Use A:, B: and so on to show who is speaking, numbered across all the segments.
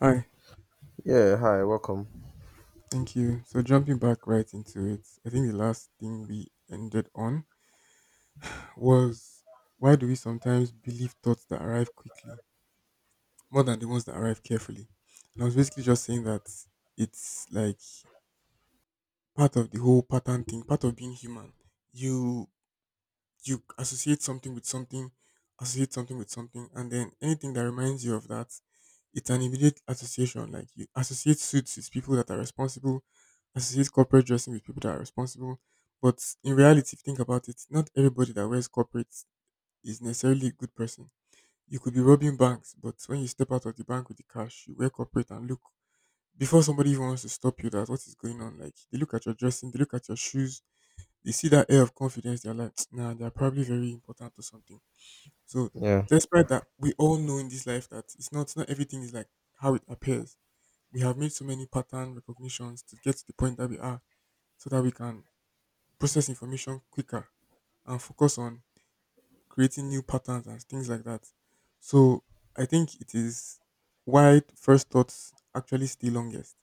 A: Hi,
B: Yeah, hi, welcome.
A: thank you. So jumping back right into it, I think the last thing we ended on was why do we sometimes believe thoughts that arrive quickly more than the ones that arrive carefully? And I was basically just saying that it's like part of the whole pattern thing, part of being human. You you associate something with something, associate something with something, and then anything that reminds you of that, it's an immediate association. Like you associate suits with people that are responsible, associate corporate dressing with people that are responsible. But in reality, if you think about it, not everybody that wears corporate is necessarily a good person. You could be robbing banks, but when you step out of the bank with the cash, you wear corporate and look before somebody even wants to stop you, that's what is going on. Like they look at your dressing, they look at your shoes, they see that air of confidence, they're like, nah, they're probably very important or something. So
B: Yeah,
A: despite that, we all know in this life that it's not not everything is like how it appears. We have made so many pattern recognitions to get to the point that we are so that we can process information quicker and focus on creating new patterns and things like that. So I think it is why first thoughts actually stay longest.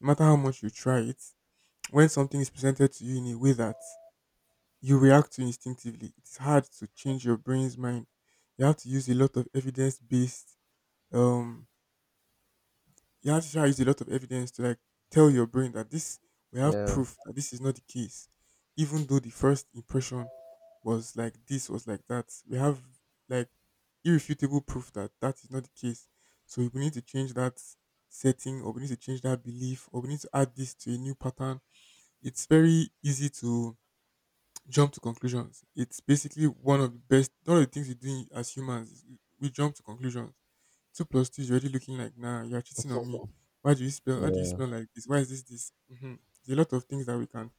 A: No matter how much you try it, when something is presented to you in a way that you react to instinctively. It's hard to change your brain's mind. You have to use a lot of evidence based um you have to try use a lot of evidence to like tell your brain that this we have
B: yeah,
A: proof that this is not the case. Even though the first impression was like this was like that. We have like irrefutable proof that that is not the case. So we need to change that setting or we need to change that belief or we need to add this to a new pattern. It's very easy to jump to conclusions. It's basically one of the best, one of the things we do as humans. Is we jump to conclusions. Two plus two is already looking like, nah, you're cheating on me. Why do you spell? Why do you
B: yeah,
A: smell like this? Why is this this? Mm-hmm. There's a lot of things that we can.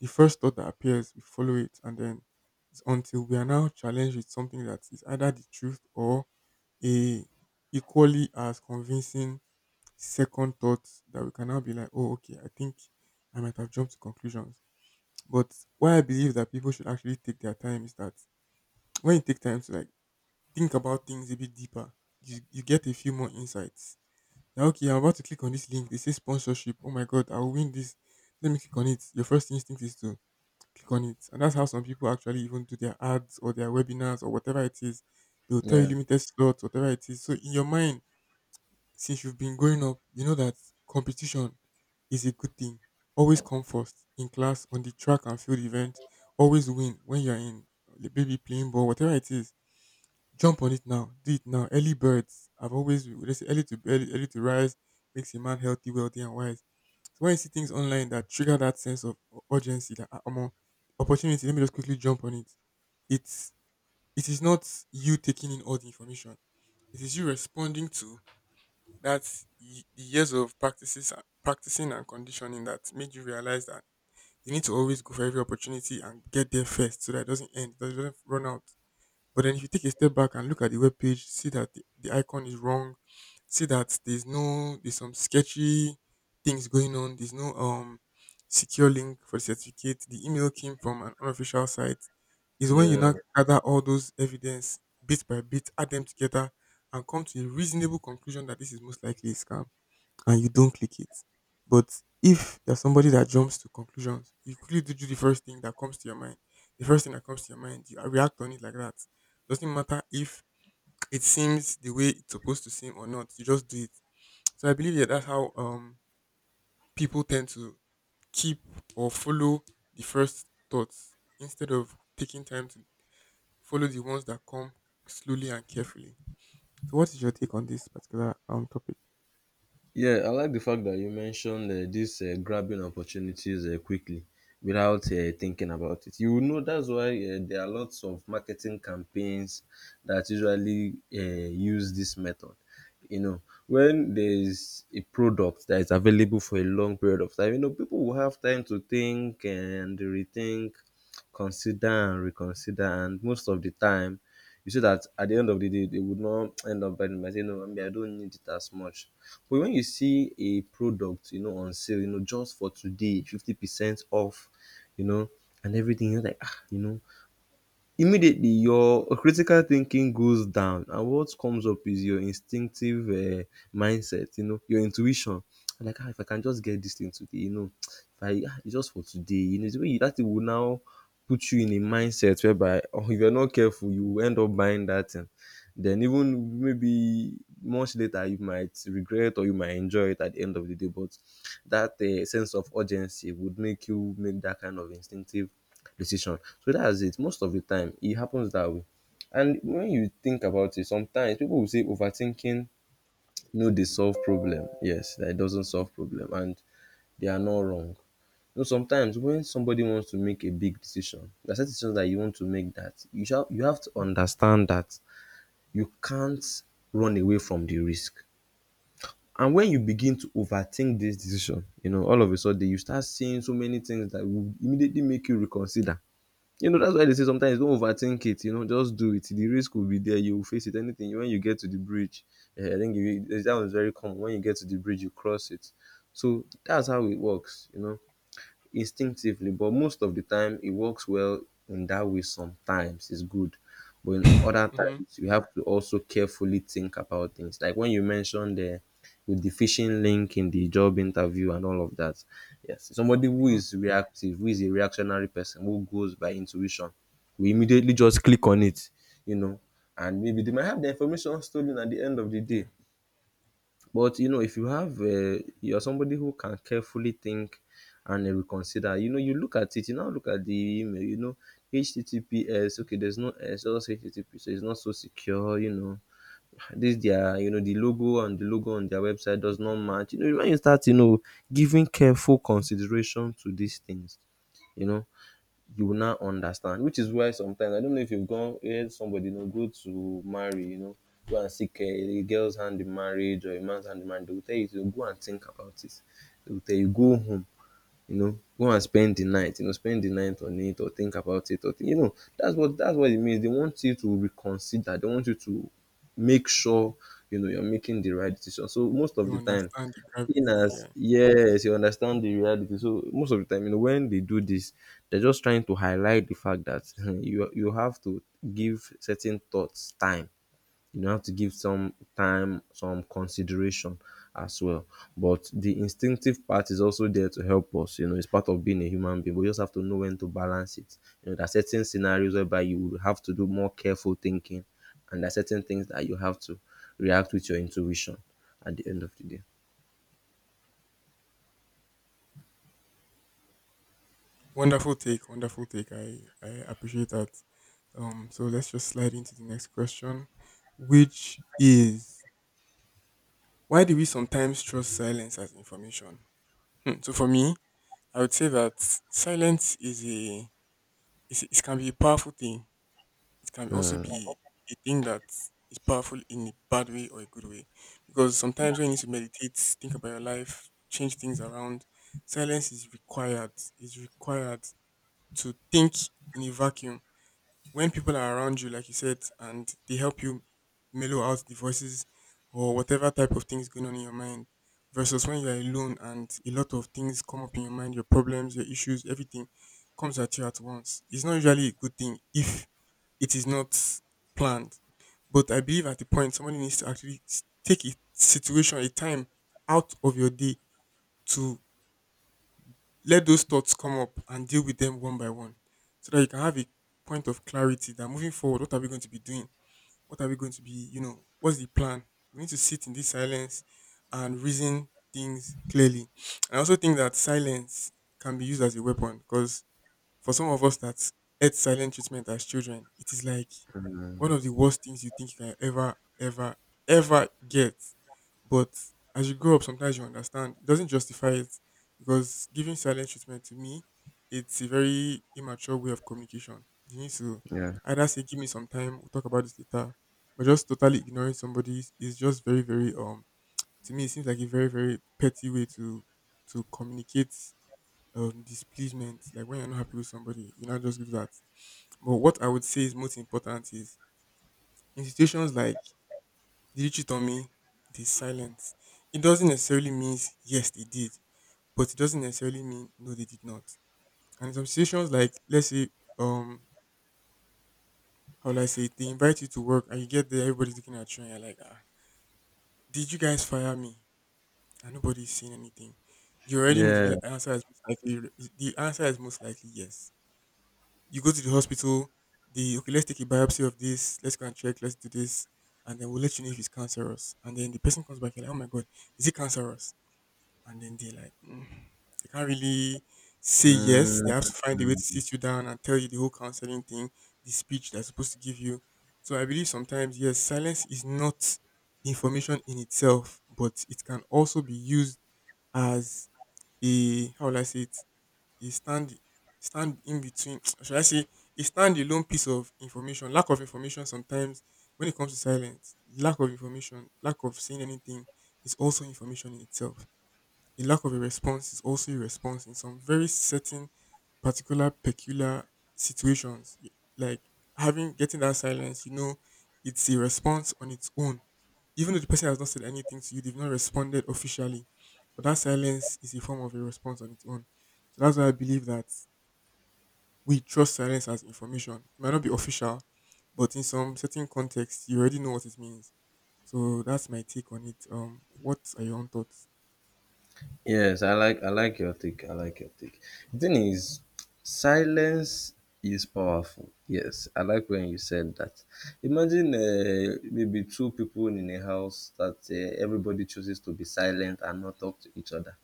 A: The first thought that appears, we follow it, and then it's until we are now challenged with something that is either the truth or a equally as convincing second thought that we can now be like, oh, okay, I think I might have jumped to conclusions. But why I believe that people should actually take their time is that when you take time to like think about things a bit deeper, you get a few more insights. Now, okay, I'm about to click on this link. They say sponsorship. Oh my god, I'll win this. Let me click on it. Your first instinct is to click on it. And that's how some people actually even do their ads or their webinars or whatever it is. They'll tell you
B: yeah,
A: limited slots, whatever it is. So in your mind, since you've been growing up, you know that competition is a good thing. Always come first in class, on the track and field event. Always win when you're in the baby playing ball, whatever it is. Jump on it now. Do it now. Early birds. I've always they say early to early to rise makes a man healthy, wealthy, and wise. So when you see things online that trigger that sense of urgency, that opportunity, let me just quickly jump on it. It's it is not you taking in all the information. It is you responding to the years of practices, practicing and conditioning that made you realize that you need to always go for every opportunity and get there first so that it doesn't end, so that it doesn't run out. But then if you take a step back and look at the web page, see that the icon is wrong, see that there's no there's some sketchy things going on, there's no secure link for the certificate, the email came from an unofficial site, is when you
B: Yeah.
A: now gather all those evidence bit by bit, add them together and come to a reasonable conclusion that this is most likely a scam and you don't click it. But if you're somebody that jumps to conclusions, you quickly do the first thing that comes to your mind. The first thing that comes to your mind, you react on it like that. Doesn't matter if it seems the way it's supposed to seem or not. You just do it. So I believe that that's how people tend to keep or follow the first thoughts instead of taking time to follow the ones that come slowly and carefully. So what is your take on this particular topic?
B: Yeah, I like the fact that you mentioned this grabbing opportunities quickly without thinking about it. You know, that's why there are lots of marketing campaigns that usually use this method. You know, when there is a product that is available for a long period of time, you know, people will have time to think and rethink, consider and reconsider, and most of the time, you see that at the end of the day, they would not end up buying it. Might say, "No, I mean I don't need it as much." But when you see a product, you know, on sale, you know, just for today, 50% off, you know, and everything, you're like, ah, you know, immediately your critical thinking goes down and what comes up is your instinctive mindset, you know, your intuition. Like, ah, if I can just get this thing today, you know, if I, ah, it's just for today, you know, the way you, that thing will now put you in a mindset whereby, oh, if you're not careful you will end up buying that thing, then even maybe much later you might regret, or you might enjoy it at the end of the day. But that sense of urgency would make you make that kind of instinctive decision. So that's it. Most of the time, it happens that way. And when you think about it, sometimes people will say overthinking, no, they solve problem. Yes, that it doesn't solve problem, and they are not wrong. You know, sometimes when somebody wants to make a big decision, the decision that you want to make that you shall, you have to understand that you can't run away from the risk. And when you begin to overthink this decision, you know, all of a sudden you start seeing so many things that will immediately make you reconsider. You know, that's why they say sometimes don't overthink it, you know, just do it. The risk will be there, you will face it. Anything when you get to the bridge, eh, I think you, that was very common. When you get to the bridge, you cross it. So that's how it works, you know, instinctively. But most of the time it works well in that way. Sometimes it's good, but in other
A: Mhm.
B: times you have to also carefully think about things, like when you mentioned the, with the phishing link in the job interview and all of that. Yes, somebody who
A: Mhm.
B: is reactive, who is a reactionary person, who goes by intuition, we immediately just click on it, you know, and maybe they might have the information stolen at the end of the
A: Yeah.
B: day. But you know, if you have you're somebody who can carefully think and reconsider, you know, you look at it, you now look at the email, you know, HTTPS, okay, there's no S, just HTTP, so it's not so secure, you know. This their, you know, the logo and the logo on their website does not match. You know, when you start, you know, giving careful consideration to these things, you know, you will now understand. Which is why sometimes, I don't know if you've gone heard somebody, you know, go to marry, you know, go and seek a girl's hand in marriage or a man's hand in marriage. They will tell you to go and think about it. They will tell you go home, you know, go and spend the night, you know, spend the night on it, or think about it, or you know, that's what, that's what it means. They want you to reconsider, they want you to make sure, you know, you're making the right decision. So most of
A: You
B: the time,
A: understand the gravity.
B: in as,
A: Yeah.
B: yes, you understand the reality. So most of the time, you know, when they do this, they're just trying to highlight the fact that you have to give certain thoughts time. You have to give some time, some consideration as well. But the instinctive part is also there to help us. You know, it's part of being a human being. We just have to know when to balance it. You know, there are certain scenarios whereby you will have to do more careful thinking, and there are certain things that you have to react with your intuition at the end of the day.
A: Wonderful take. Wonderful take. I appreciate that. So let's just slide into the next question, which is why do we sometimes trust silence as information? Hmm. So for me, I would say that silence is a is, it can be a powerful thing. It can also be a thing that is powerful in a bad way or a good way. Because sometimes when you need to meditate, think about your life, change things around, silence is required. It's required to think in a vacuum when people are around you, like you said, and they help you mellow out the voices or whatever type of things going on in your mind, versus when you are alone and a lot of things come up in your mind, your problems, your issues, everything comes at you at once. It's not usually a good thing if it is not planned. But I believe at the point somebody needs to actually take a situation, a time out of your day to let those thoughts come up and deal with them one by one so that you can have a point of clarity that moving forward what are we going to be doing what are we going to be you know what's the plan we need to sit in this silence and reason things clearly And I also think that silence can be used as a weapon because for some of us that ate silent treatment as children, it is like
B: Mm,
A: one of the worst things you think you can ever get. But as you grow up, sometimes you understand it doesn't justify it because giving silent treatment to me, it's a very immature way of communication. You need to
B: yeah.
A: either say, "Give me some time, we'll talk about this later," but just totally ignoring somebody is just very, very. To me, it seems like a very, very petty way to communicate displeasement, like when you're not happy with somebody, you know, just do that. But what I would say is most important is in situations like did you cheat on me? The silence. It doesn't necessarily mean yes they did, but it doesn't necessarily mean no they did not. And in some situations like let's say um how will I say it? They invite you to work and you get there, everybody's looking at you and you're like, ah, did you guys fire me? And nobody's saying anything. You already know
B: Yeah.
A: the answer is most likely yes you go to the hospital, the okay, let's take a biopsy of this, let's go and check, let's do this, and then we'll let you know if it's cancerous. And then the person comes back, you're like, oh my god, is it cancerous? And then they like, mm, they can't really say yes. They have to find a way to
B: Mm.
A: sit you down and tell you the whole counseling thing, the speech they're supposed to give you. So I believe sometimes, yes, silence is not information in itself, but it can also be used as a how will I say it? A stand in between should I say a standalone piece of information. Lack of information sometimes when it comes to silence, lack of information, lack of saying anything is also information in itself. A lack of a response is also a response in some very certain, particular, peculiar situations. Like having getting that silence, you know, it's a response on its own. Even though the person has not said anything to you, they've not responded officially, but that silence is a form of a response on its own. So that's why I believe that we trust silence as information. It might not be official, but in some certain context, you already know what it means. So that's my take on it. What are your own thoughts?
B: Yes, I like your take. I like your take. The thing is, silence is powerful. Yes, I like when you said that. Imagine maybe two people in a house that everybody chooses to be silent and not talk to each other.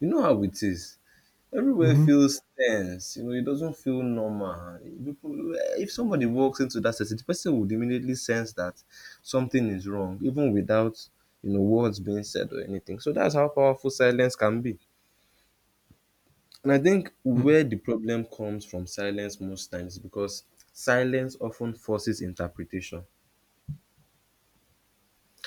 B: You know how it is. Everywhere
A: Hmm.
B: feels tense. You know, it doesn't feel normal. People, if somebody walks into that setting, the person would immediately sense that something is wrong, even without, you know, words being said or anything. So that's how powerful silence can be. And I think where the problem comes from silence most times is because silence often forces interpretation.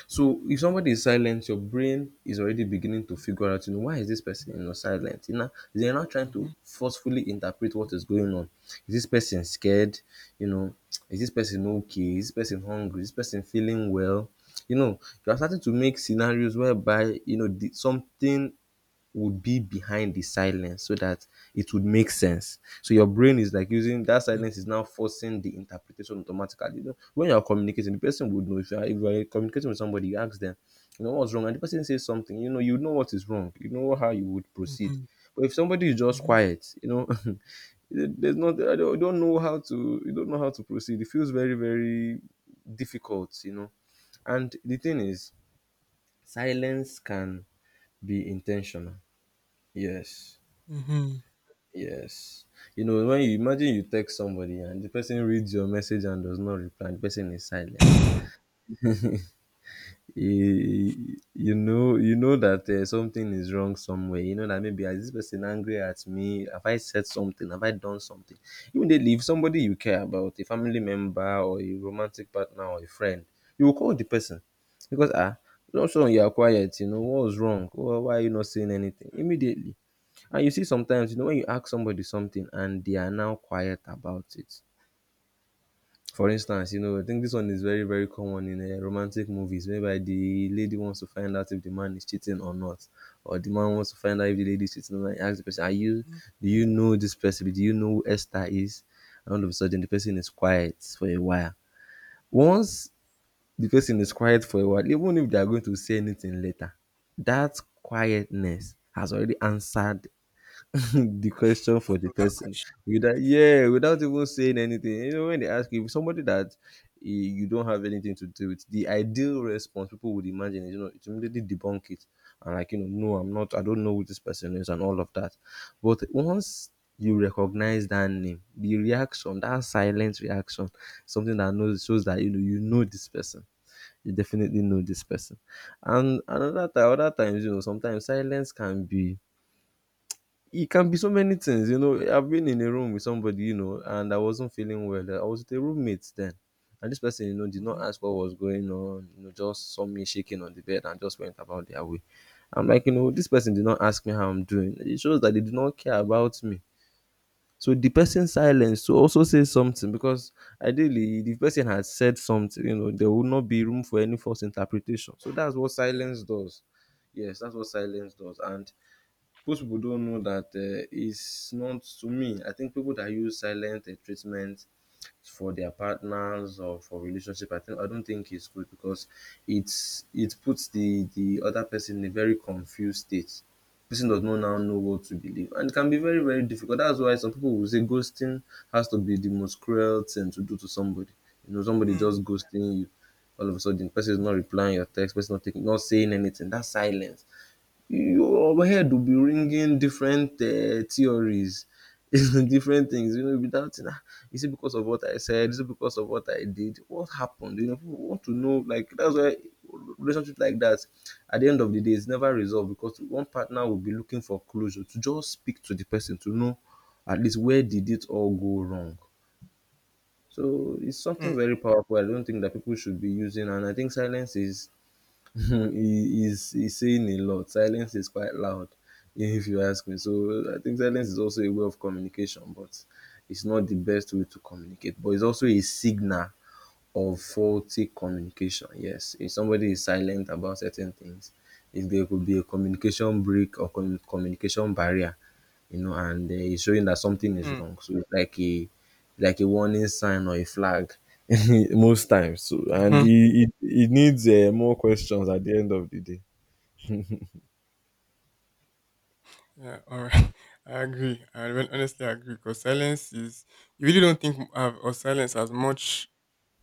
B: So if somebody is silent, your brain is already beginning to figure out, you know, why is this person, you know, silent? You know, they're not trying to
A: Mm-hmm.
B: forcefully interpret what is going on. Is this person scared? You know, is this person okay? Is this person hungry? Is this person feeling well? You know, you are starting to make scenarios whereby, you know, the, something would be behind the silence so that it would make sense. So your brain is like using that silence, is now forcing the interpretation automatically. You know, when you're communicating, the person would know, if you're communicating with somebody, you ask them, you know, what's wrong? And the person says something, you know what is wrong, you know how you would proceed.
A: Mhm,
B: But if somebody is just
A: mhm,
B: quiet, you know, there's not, I don't know how to, you don't know how to proceed. It feels very, very difficult, you know. And the thing is, silence can be intentional. Yes.
A: mhm.
B: Yes. You know, when you imagine you text somebody and the person reads your message and does not reply, the person is silent. You know, you know that something is wrong somewhere. You know that, maybe, "Ah, is this person angry at me? Have I said something? Have I done something?" Immediately, if somebody you care about, a family member or a romantic partner or a friend, you will call the person, because, ah, not sure, you are quiet, you know, what was wrong, why are you not saying anything immediately. And you see sometimes, you know, when you ask somebody something and they are now quiet about it. For instance, you know, I think this one is very, very common in romantic movies, whereby the lady wants to find out if the man is cheating or not, or the man wants to find out if the lady is cheating or not. He asks the person, "Are you? Do you know this person? Do you know who Esther is?" And all of a sudden, the person is quiet for a while. Once the person is quiet for a while, even if they are going to say anything later, that quietness has already answered the question for
A: Part
B: the
A: of that
B: person
A: question.
B: without, yeah, without even saying anything. You know, when they ask you if somebody that, eh, you don't have anything to do with, the ideal response people would imagine is, you know, to immediately debunk it and like, you know, no, I'm not, I don't know who this person is and all of that. But once you recognize that name, the reaction, that silent reaction, something that knows, shows that, you know, you know this person, you definitely know this person. And another time, other times, you know, sometimes silence can be, it can be so many things, you know. I've been in a room with somebody, you know, and I wasn't feeling well. I was with a roommate then, and this person, you know, did not
A: Mhm.
B: ask what was going on, you know, just saw me shaking on the bed and just went about their way. I'm like, you know, this person did not ask me how I'm doing. It shows that they do not care about me. So the person's silence to also say something, because ideally, if the person had said something, you know, there would not be room for any false interpretation. So that's what
A: Yeah.
B: silence does. Yes, that's what silence does. And most people don't know that it's not to me, I think people that use silent treatment for their partners or for relationship, I don't think it's good because it puts the other person in a very confused state. Person does not now know what to believe, and it can be very, very difficult. That's why some people will say ghosting has to be the most cruel thing to do to somebody. You know, somebody
A: Mm,
B: just ghosting you, all of a sudden person is not replying your text, person not taking, not saying anything. That's silence. Your head will be ringing different theories, different things. Without nah, is it because of what I said? Is it because of what I did? What happened? People want to know. Like, that's why relationship like that, at the end of the day, it's never resolved because one partner will be looking for closure to just speak to the person to know at least where did it all go wrong. So it's something
A: mm,
B: very powerful. I don't think that people should be using, and I think silence is he's saying a lot. Silence is quite loud, if you ask me. So I think silence is also a way of communication, but it's not the best way to communicate. But it's also a signal of faulty communication. Yes, if somebody is silent about certain things, if there could be a communication break or communication barrier, and it's showing that something is
A: mm,
B: wrong. So it's like a warning sign or a flag most times. So and it
A: mhm.
B: it, it needs more questions at the end of the day.
A: Yeah, all right. I agree. I honestly agree because silence is, you really don't think of silence as much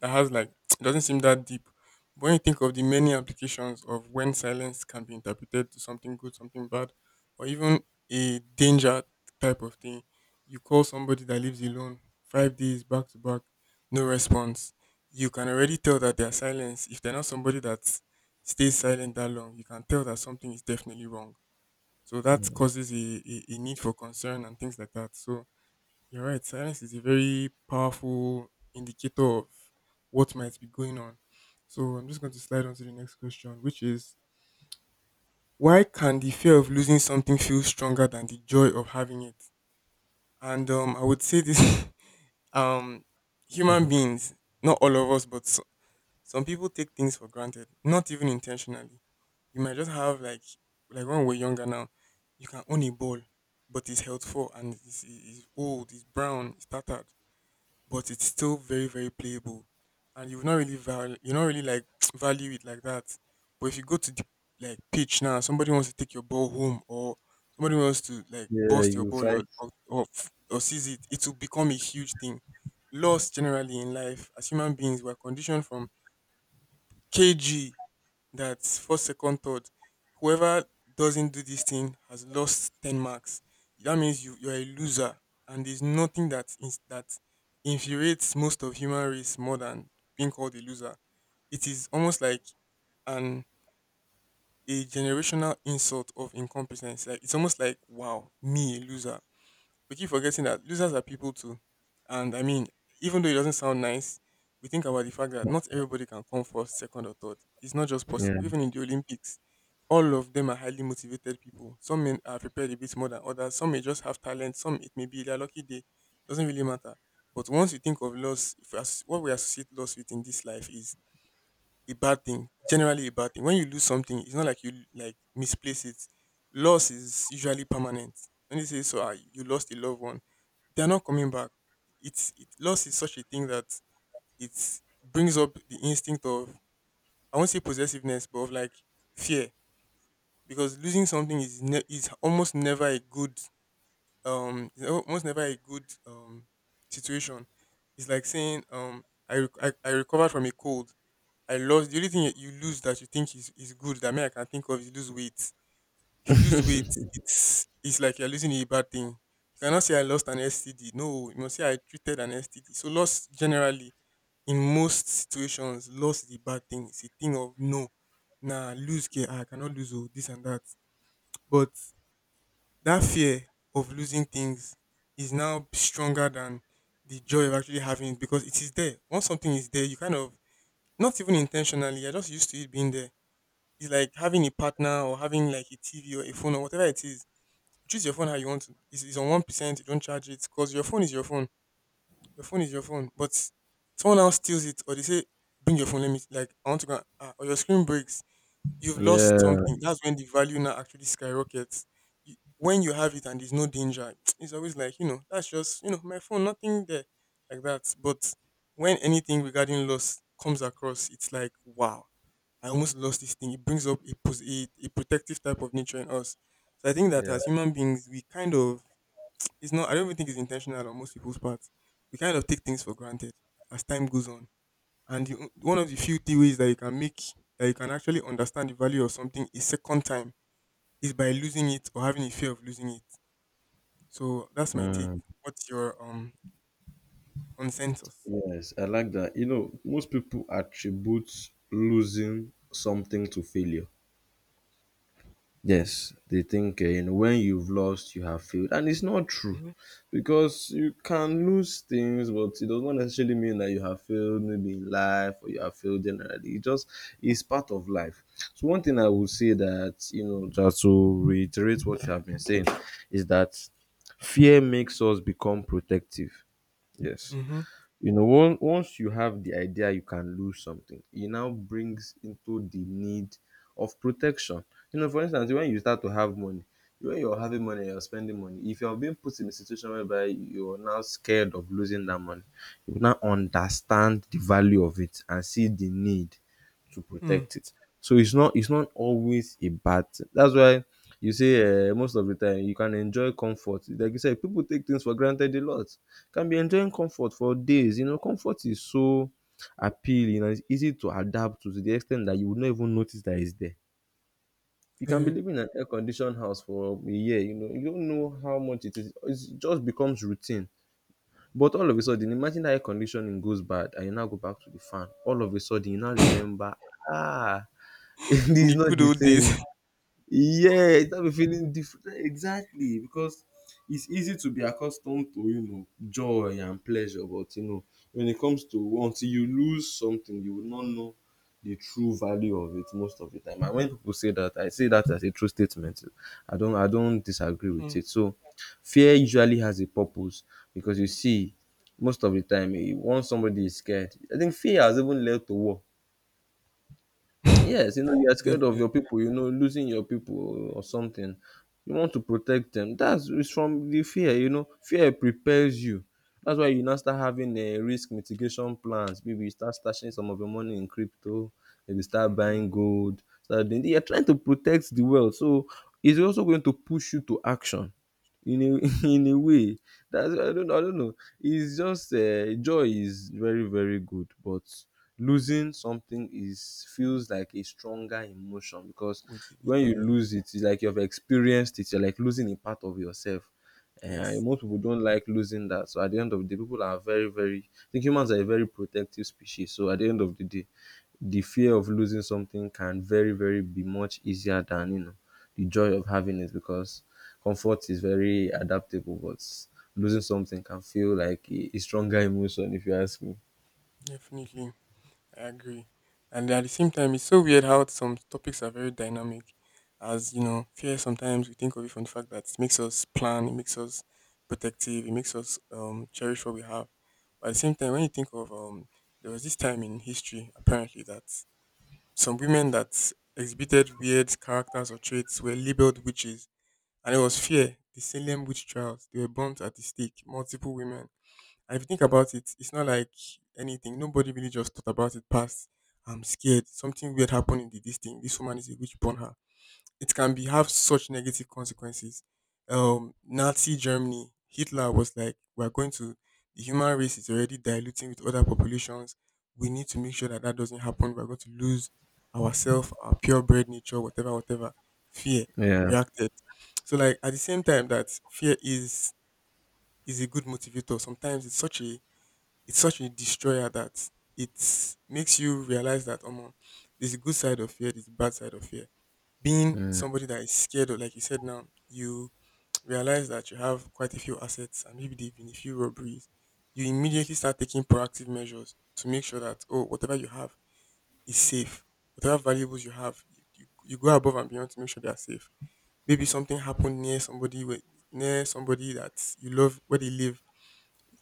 A: that has like, it doesn't seem that deep. But when you think of the many applications of when silence can be interpreted to something good, something bad, or even a danger type of thing, you call somebody that lives alone 5 days back to back, no response. You can already tell that their silence, if they're not somebody that stays silent that long, you can tell that something is definitely wrong, so that causes a need for concern and things like that. So you're right, silence is a very powerful indicator of what might be going on. So I'm just going to slide on to the next question, which is, why can the fear of losing something feel stronger than the joy of having it? And I would say this. Um, Human beings, not all of us, but so, some people take things for granted, not even intentionally. You might just have like when we're younger now, you can own a ball, but it's healthful and it's old, it's brown, it's tattered, but it's still very very playable, and you've not really you not really like value it like that. But if you go to the like pitch now, somebody wants to take your ball home, or somebody wants to like
B: Yeah,
A: bust your
B: you
A: ball
B: fight.
A: or or seize it, it will become a huge thing. Loss generally in life, as human beings, we're conditioned from KG that first, second, third, whoever doesn't do this thing has lost 10 marks. That means you're a loser, and there's nothing that is that infuriates most of human race more than being called a loser. It is almost like an a generational insult of incompetence. Like it's almost like, wow, me, a loser. We keep forgetting that losers are people too. And I mean, even though it doesn't sound nice, we think about the fact that not everybody can come first, second, or third. It's not just
B: Yeah,
A: possible. Even in the Olympics, all of them are highly motivated people. Some men are prepared a bit more than others. Some may just have talent. Some it may be their lucky day. Doesn't really matter. But once you think of loss, if as- what we associate loss with in this life is a bad thing, generally a bad thing. When you lose something, it's not like you like misplace it. Loss is usually permanent. When you say so, ah, you lost a loved one, they're not coming back. Loss is such a thing that it brings up the instinct of, I won't say possessiveness, but of like fear, because losing something is is almost never a good is almost never a good situation. It's like saying I, I recovered from a cold. I lost, the only thing you lose that you think is good that me I can think of is lose weight. If you lose weight, it's like you're losing a bad thing. You cannot say I lost an STD. No, you must say I treated an STD. So loss generally, in most situations, loss is a bad thing. It's a thing of no, nah, lose care. Ah, I cannot lose, oh, this and that. But that fear of losing things is now stronger than the joy of actually having it, because it is there. Once something is there, you kind of, not even intentionally, you're just used to it being there. It's like having a partner or having like a TV or a phone or whatever it is. Choose your phone how you want to. It's on 1%. You don't charge it because your phone is your phone. Your phone is your phone. But someone else steals it, or they say, "Bring your phone. Let me, like I want to go," and or your screen breaks. You've lost
B: yeah,
A: something. That's when the value now actually skyrockets. You, when you have it and there's no danger, it's always like, you know, that's just, you know, my phone, nothing there like that. But when anything regarding loss comes across, it's like, wow, I almost lost this thing. It brings up a a protective type of nature in us. So I think that
B: yeah.
A: as human beings, we kind of, it's not, I don't even think it's intentional on most people's parts. We kind of take things for granted as time goes on, and you, one of the few ways that you can make, that you can actually understand the value of something a second time, is by losing it or having a fear of losing it. So that's my take.
B: Mm.
A: What's your consensus?
B: Yes, I like that. You know, most people attribute losing something to failure. Yes, they think you know, when you've lost, you have failed, and it's not true,
A: Mm-hmm.
B: because you can lose things, but it does not necessarily mean that you have failed maybe in life or you have failed generally. It just is part of life. So one thing I would say, that, you know, just to reiterate what you have been saying, is that fear makes us become protective. Yes,
A: Hmm.
B: you know, once you have the idea you can lose something, it now brings into the need of protection. You know, for instance, when you start to have money, when you're having money, you're spending money, if you're being put in a situation whereby you're now scared of losing that money, you now understand the value of it and see the need to
A: Hmm.
B: protect it. So it's not, it's not always a bad thing. That's why you say most of the time you can enjoy comfort, like you said, people take things for granted a lot, can be enjoying comfort for days. You know, comfort is so appealing and it's easy to adapt to the extent that you would not even notice that it's there. You can be
A: Yeah.
B: living in an air conditioned house for a year, you know, you don't know how much it is. It just becomes routine. But all of a sudden, imagine that air conditioning goes bad and you now go back to the fan. All of a sudden, you now remember, ah, it
A: In
B: is
A: the
B: not
A: good
B: the
A: old days.
B: same. Yeah, it have a feeling different. Yeah, exactly, because it's easy to be accustomed to, you know, joy and pleasure, but you know, when it comes to, until you lose something, you will not know the true value of it most of the time. And when people say that, I say that as a true statement. I don't disagree with
A: Hmm.
B: it. So fear usually has a purpose, because you see, most of the time, eh, once somebody is scared, I think fear has even led to war. Yes, you know, you're scared of
A: Definitely.
B: your people, you know, losing your people or something. You want to protect them. That's, it's from the fear, you know. Fear prepares you. That's why you now start having a risk mitigation plans. Maybe you start stashing some of your money in crypto, maybe start
A: Mm-hmm.
B: buying gold. Start doing, you're trying to protect the world. So it's also going to push you to action in a in a way. That's, I don't know, it's just joy is very, very good, but losing something is feels like a stronger emotion because
A: Was it
B: when
A: Victor?
B: you
A: Yeah.
B: lose it, it's like you've experienced it, you're like losing a part of yourself. Eh, and
A: Yes.
B: most people don't like losing that, so at the end of the day, people are very, very, I think humans are a very protective species. So at the end of the day, the fear of losing something can very, very be much easier than, you know, the joy of having it, because comfort is very adaptable, but losing something can feel like a stronger emotion, if you ask me.
A: Definitely. I agree. And at the same time, it's so weird how some topics are very dynamic. As you know, fear, sometimes we think of it from the fact that it makes us plan, it makes us protective, it makes us cherish what we have. But at the same time, when you think of, there was this time in history apparently that some women that exhibited weird characters or traits were labeled witches, and it was fear. The Salem witch trials, they were burnt at the stake, multiple women, and if you think about it, it's not like anything. Nobody really just thought about it past, I'm scared. Something weird happened in the, this thing. This woman is a witch, born her. It can be, have such negative consequences. Nazi Germany, Hitler was like, we're going to, the human race is already diluting with other populations. We need to make sure that that doesn't happen. We're going to lose ourselves, our purebred nature, whatever, whatever. Fear
B: Yeah,
A: reacted. So like at the same time that fear is a good motivator. Sometimes it's such a, it's such a destroyer that it makes you realize that there's a good side of fear, there's a bad side of fear. Being
B: yeah,
A: somebody that is scared of, like you said now, you realize that you have quite a few assets, and maybe there have been a few robberies. You immediately start taking proactive measures to make sure that, oh, whatever you have is safe. Whatever valuables you have, you go above and beyond to make sure they are safe. Maybe something happened near somebody, where, near somebody that you love, where they live,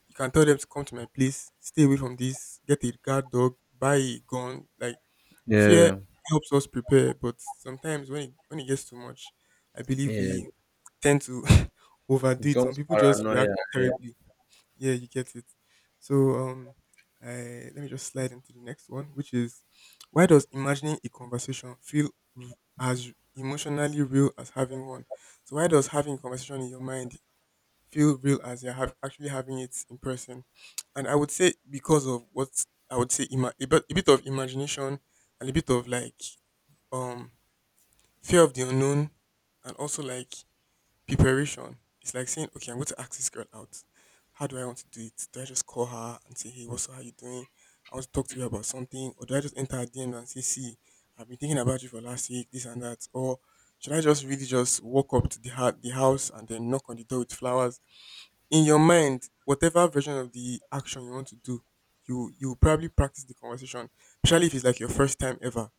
A: you can tell them to come to my place, stay away from this, get a guard dog, buy a gun. Like, fear
B: yeah,
A: helps us prepare, but sometimes when when it gets too much, I believe
B: yeah.
A: we
B: It
A: tend to overdo it. Some
B: becomes
A: people just react
B: paranoia. Yeah,
A: terribly. Yeah, you get it. So I let me just slide into the next one, which is, why does imagining a conversation feel r- as emotionally real as having one? So why does having a conversation in your mind feel real as you're actually having it in person. And I would say because of what, I would say a bit, a bit of imagination and a bit of like um fear of the unknown, and also like preparation. It's like saying, okay, I'm going to ask this girl out. How do I want to do it? Do I just call her and say, hey, what's up? How you doing? I want to talk to you about something, or do I just enter her DM and say, see, I've been thinking about you for last week, this and that, or should I just really just walk up to the the house, and then knock on the door with flowers, in your mind, whatever version of the action you want to do, you probably practice the conversation. Especially if it's like your first time ever,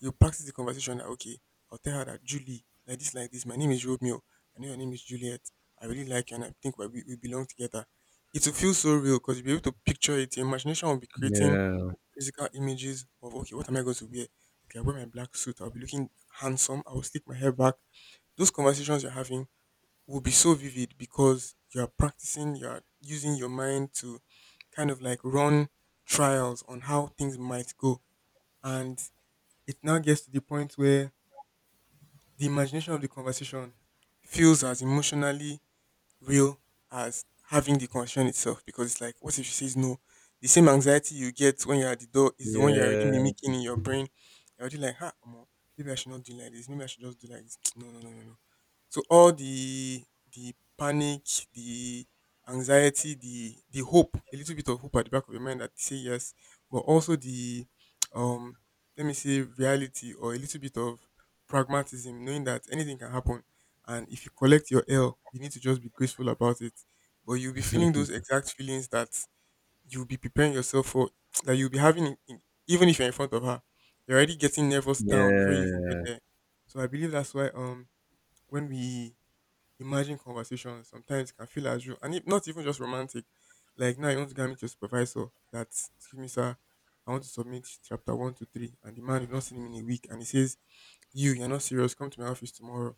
A: you practice the conversation. That, okay, I'll tell her that, Julie, like this, like this. My name is Romeo. I know your name is Juliet. I really like you, and I think we belong together. It will feel so real because you'll be able to picture it. Your imagination will be creating
B: yeah,
A: physical images of, okay, what am I going to wear? Okay, I wear my black suit. I'll be looking handsome. I will slick my hair back. Those conversations you're having will be so vivid because you're practicing, you're using your mind to kind of like run trials on how things might go. And it now gets to the point where the imagination of the conversation feels as emotionally real as having the condition itself, because it's like, what if she says no? The same anxiety you get when you're at the door is the one you're already
B: yeah.
A: mimicking in your brain. You're already like, ha, omo, maybe I should not do like this. Maybe I should just do like this. No, no, no, no, no. So all the panic, the anxiety, the hope, a little bit of hope at the back of your mind that say yes, but also the um let me say reality, or a little bit of pragmatism, knowing that anything can happen, and if you collect your L, you need to just be graceful about it. But you'll be feeling those exact feelings that you'll be preparing yourself for, that you'll be having, even if you're in front of her. You're already getting nervous down before you even get
B: Yeah.
A: there. So I believe that's why when we imagine conversations, sometimes it can feel as real, and if not even just romantic. Like now, you want to get me to your supervisor that, excuse me, sir, I want to submit chapters 1 to 3, and the man, you've not seen him in a week, and he says, "You, you're not serious. Come to my office tomorrow."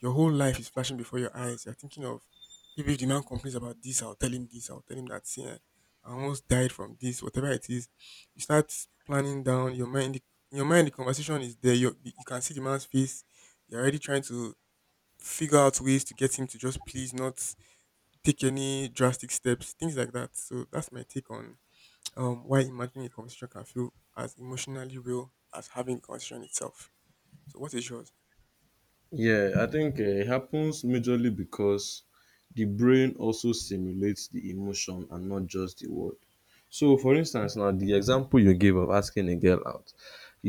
A: Your whole life is flashing before your eyes. You're thinking of, maybe if the man complains about this, I'll tell him this, I'll tell him that. See, eh, I almost died from this, whatever it is. You start planning down your mind. In your mind, the conversation is there. You can see the man's face. You're already trying to figure out ways to get him to just please not take any drastic steps, things like that. So that's my take on why imagining a conversation can feel as emotionally real as having the conversation itself. So what is yours?
B: Yeah, I think it happens majorly because the brain also simulates the emotion and not just the word. So, for instance, now the example you gave of asking a girl out,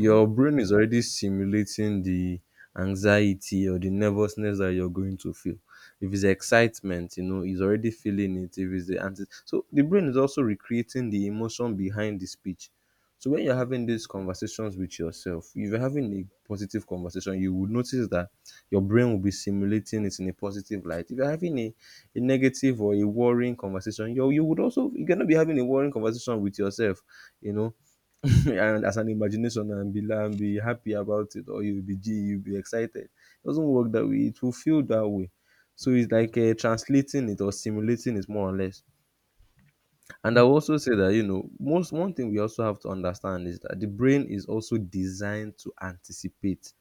A: Mm-hmm.
B: brain is already simulating the anxiety or the nervousness that you're going to feel. If it's excitement, you know, it's already feeling it. If it's the anti, so the brain is also recreating the emotion behind the speech. So when you're having these conversations with yourself, if you're having a positive conversation, you would notice that your brain will be simulating it in a positive light. If you're having a negative or a worrying conversation, you would also, you cannot be having a worrying conversation with yourself, you know, and as an imagination and be and be happy about it, or you'll be g you'll be excited. It doesn't work that way. It will feel that way. So it's like translating it or simulating it, more or less. And I
A: Mm-hmm.
B: will also say that, you know, most, one thing we also have to understand is that the brain is also designed to anticipate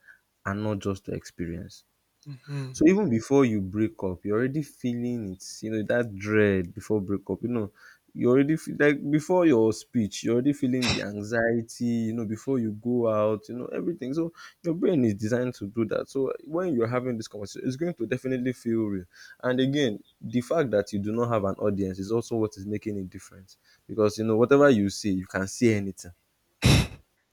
B: and not just to experience.
A: Mm-hmm. Mm-hmm.
B: So even before you break up, you're already feeling it, you know, that dread before breakup, you know. You already feel like before your speech, you're already feeling the anxiety, you know, before you go out, you know, everything. So your brain is designed to do that. So when you're having this conversation, it's going to definitely feel real. And again, the fact that you do not have an audience is also what is making it different. Because, you know, whatever you say, you can say anything.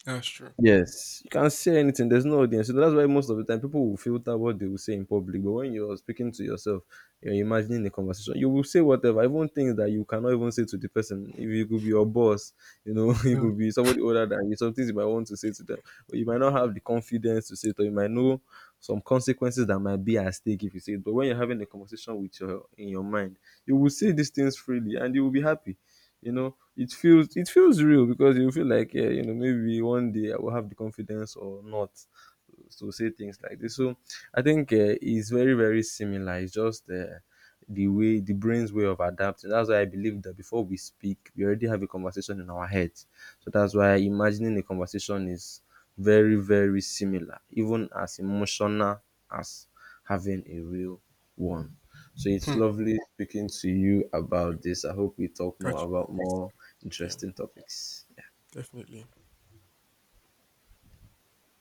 A: That's true.
B: Yes, you can't say anything. There's no audience. So that's why most of the time people will filter what they will say in public. But when you're speaking to yourself, you're imagining the conversation, you will say whatever, even things that you cannot even say to the person. If you could be your boss, you know, you
A: Yeah.
B: could be somebody older than you, some things you might want to say to them, but you might not have the confidence to say it, or you might know some consequences that might be at stake if you say it. But when you're having a conversation with your, in your mind, you will say these things freely and you will be happy. You know, it feels real because you feel like, yeah, you know, maybe one day I will have the confidence or not to say things like this. So I think it's very, very similar. It's just the way the brain's way of adapting. That's why I believe that before we speak, we already have a conversation in our head. So that's why imagining a conversation is very, very similar, even as emotional as having a real one. So it's
A: Hmm.
B: lovely speaking to you about this. I hope we talk more
A: Gotcha.
B: about more
A: Yeah,
B: interesting topics.
A: definitely.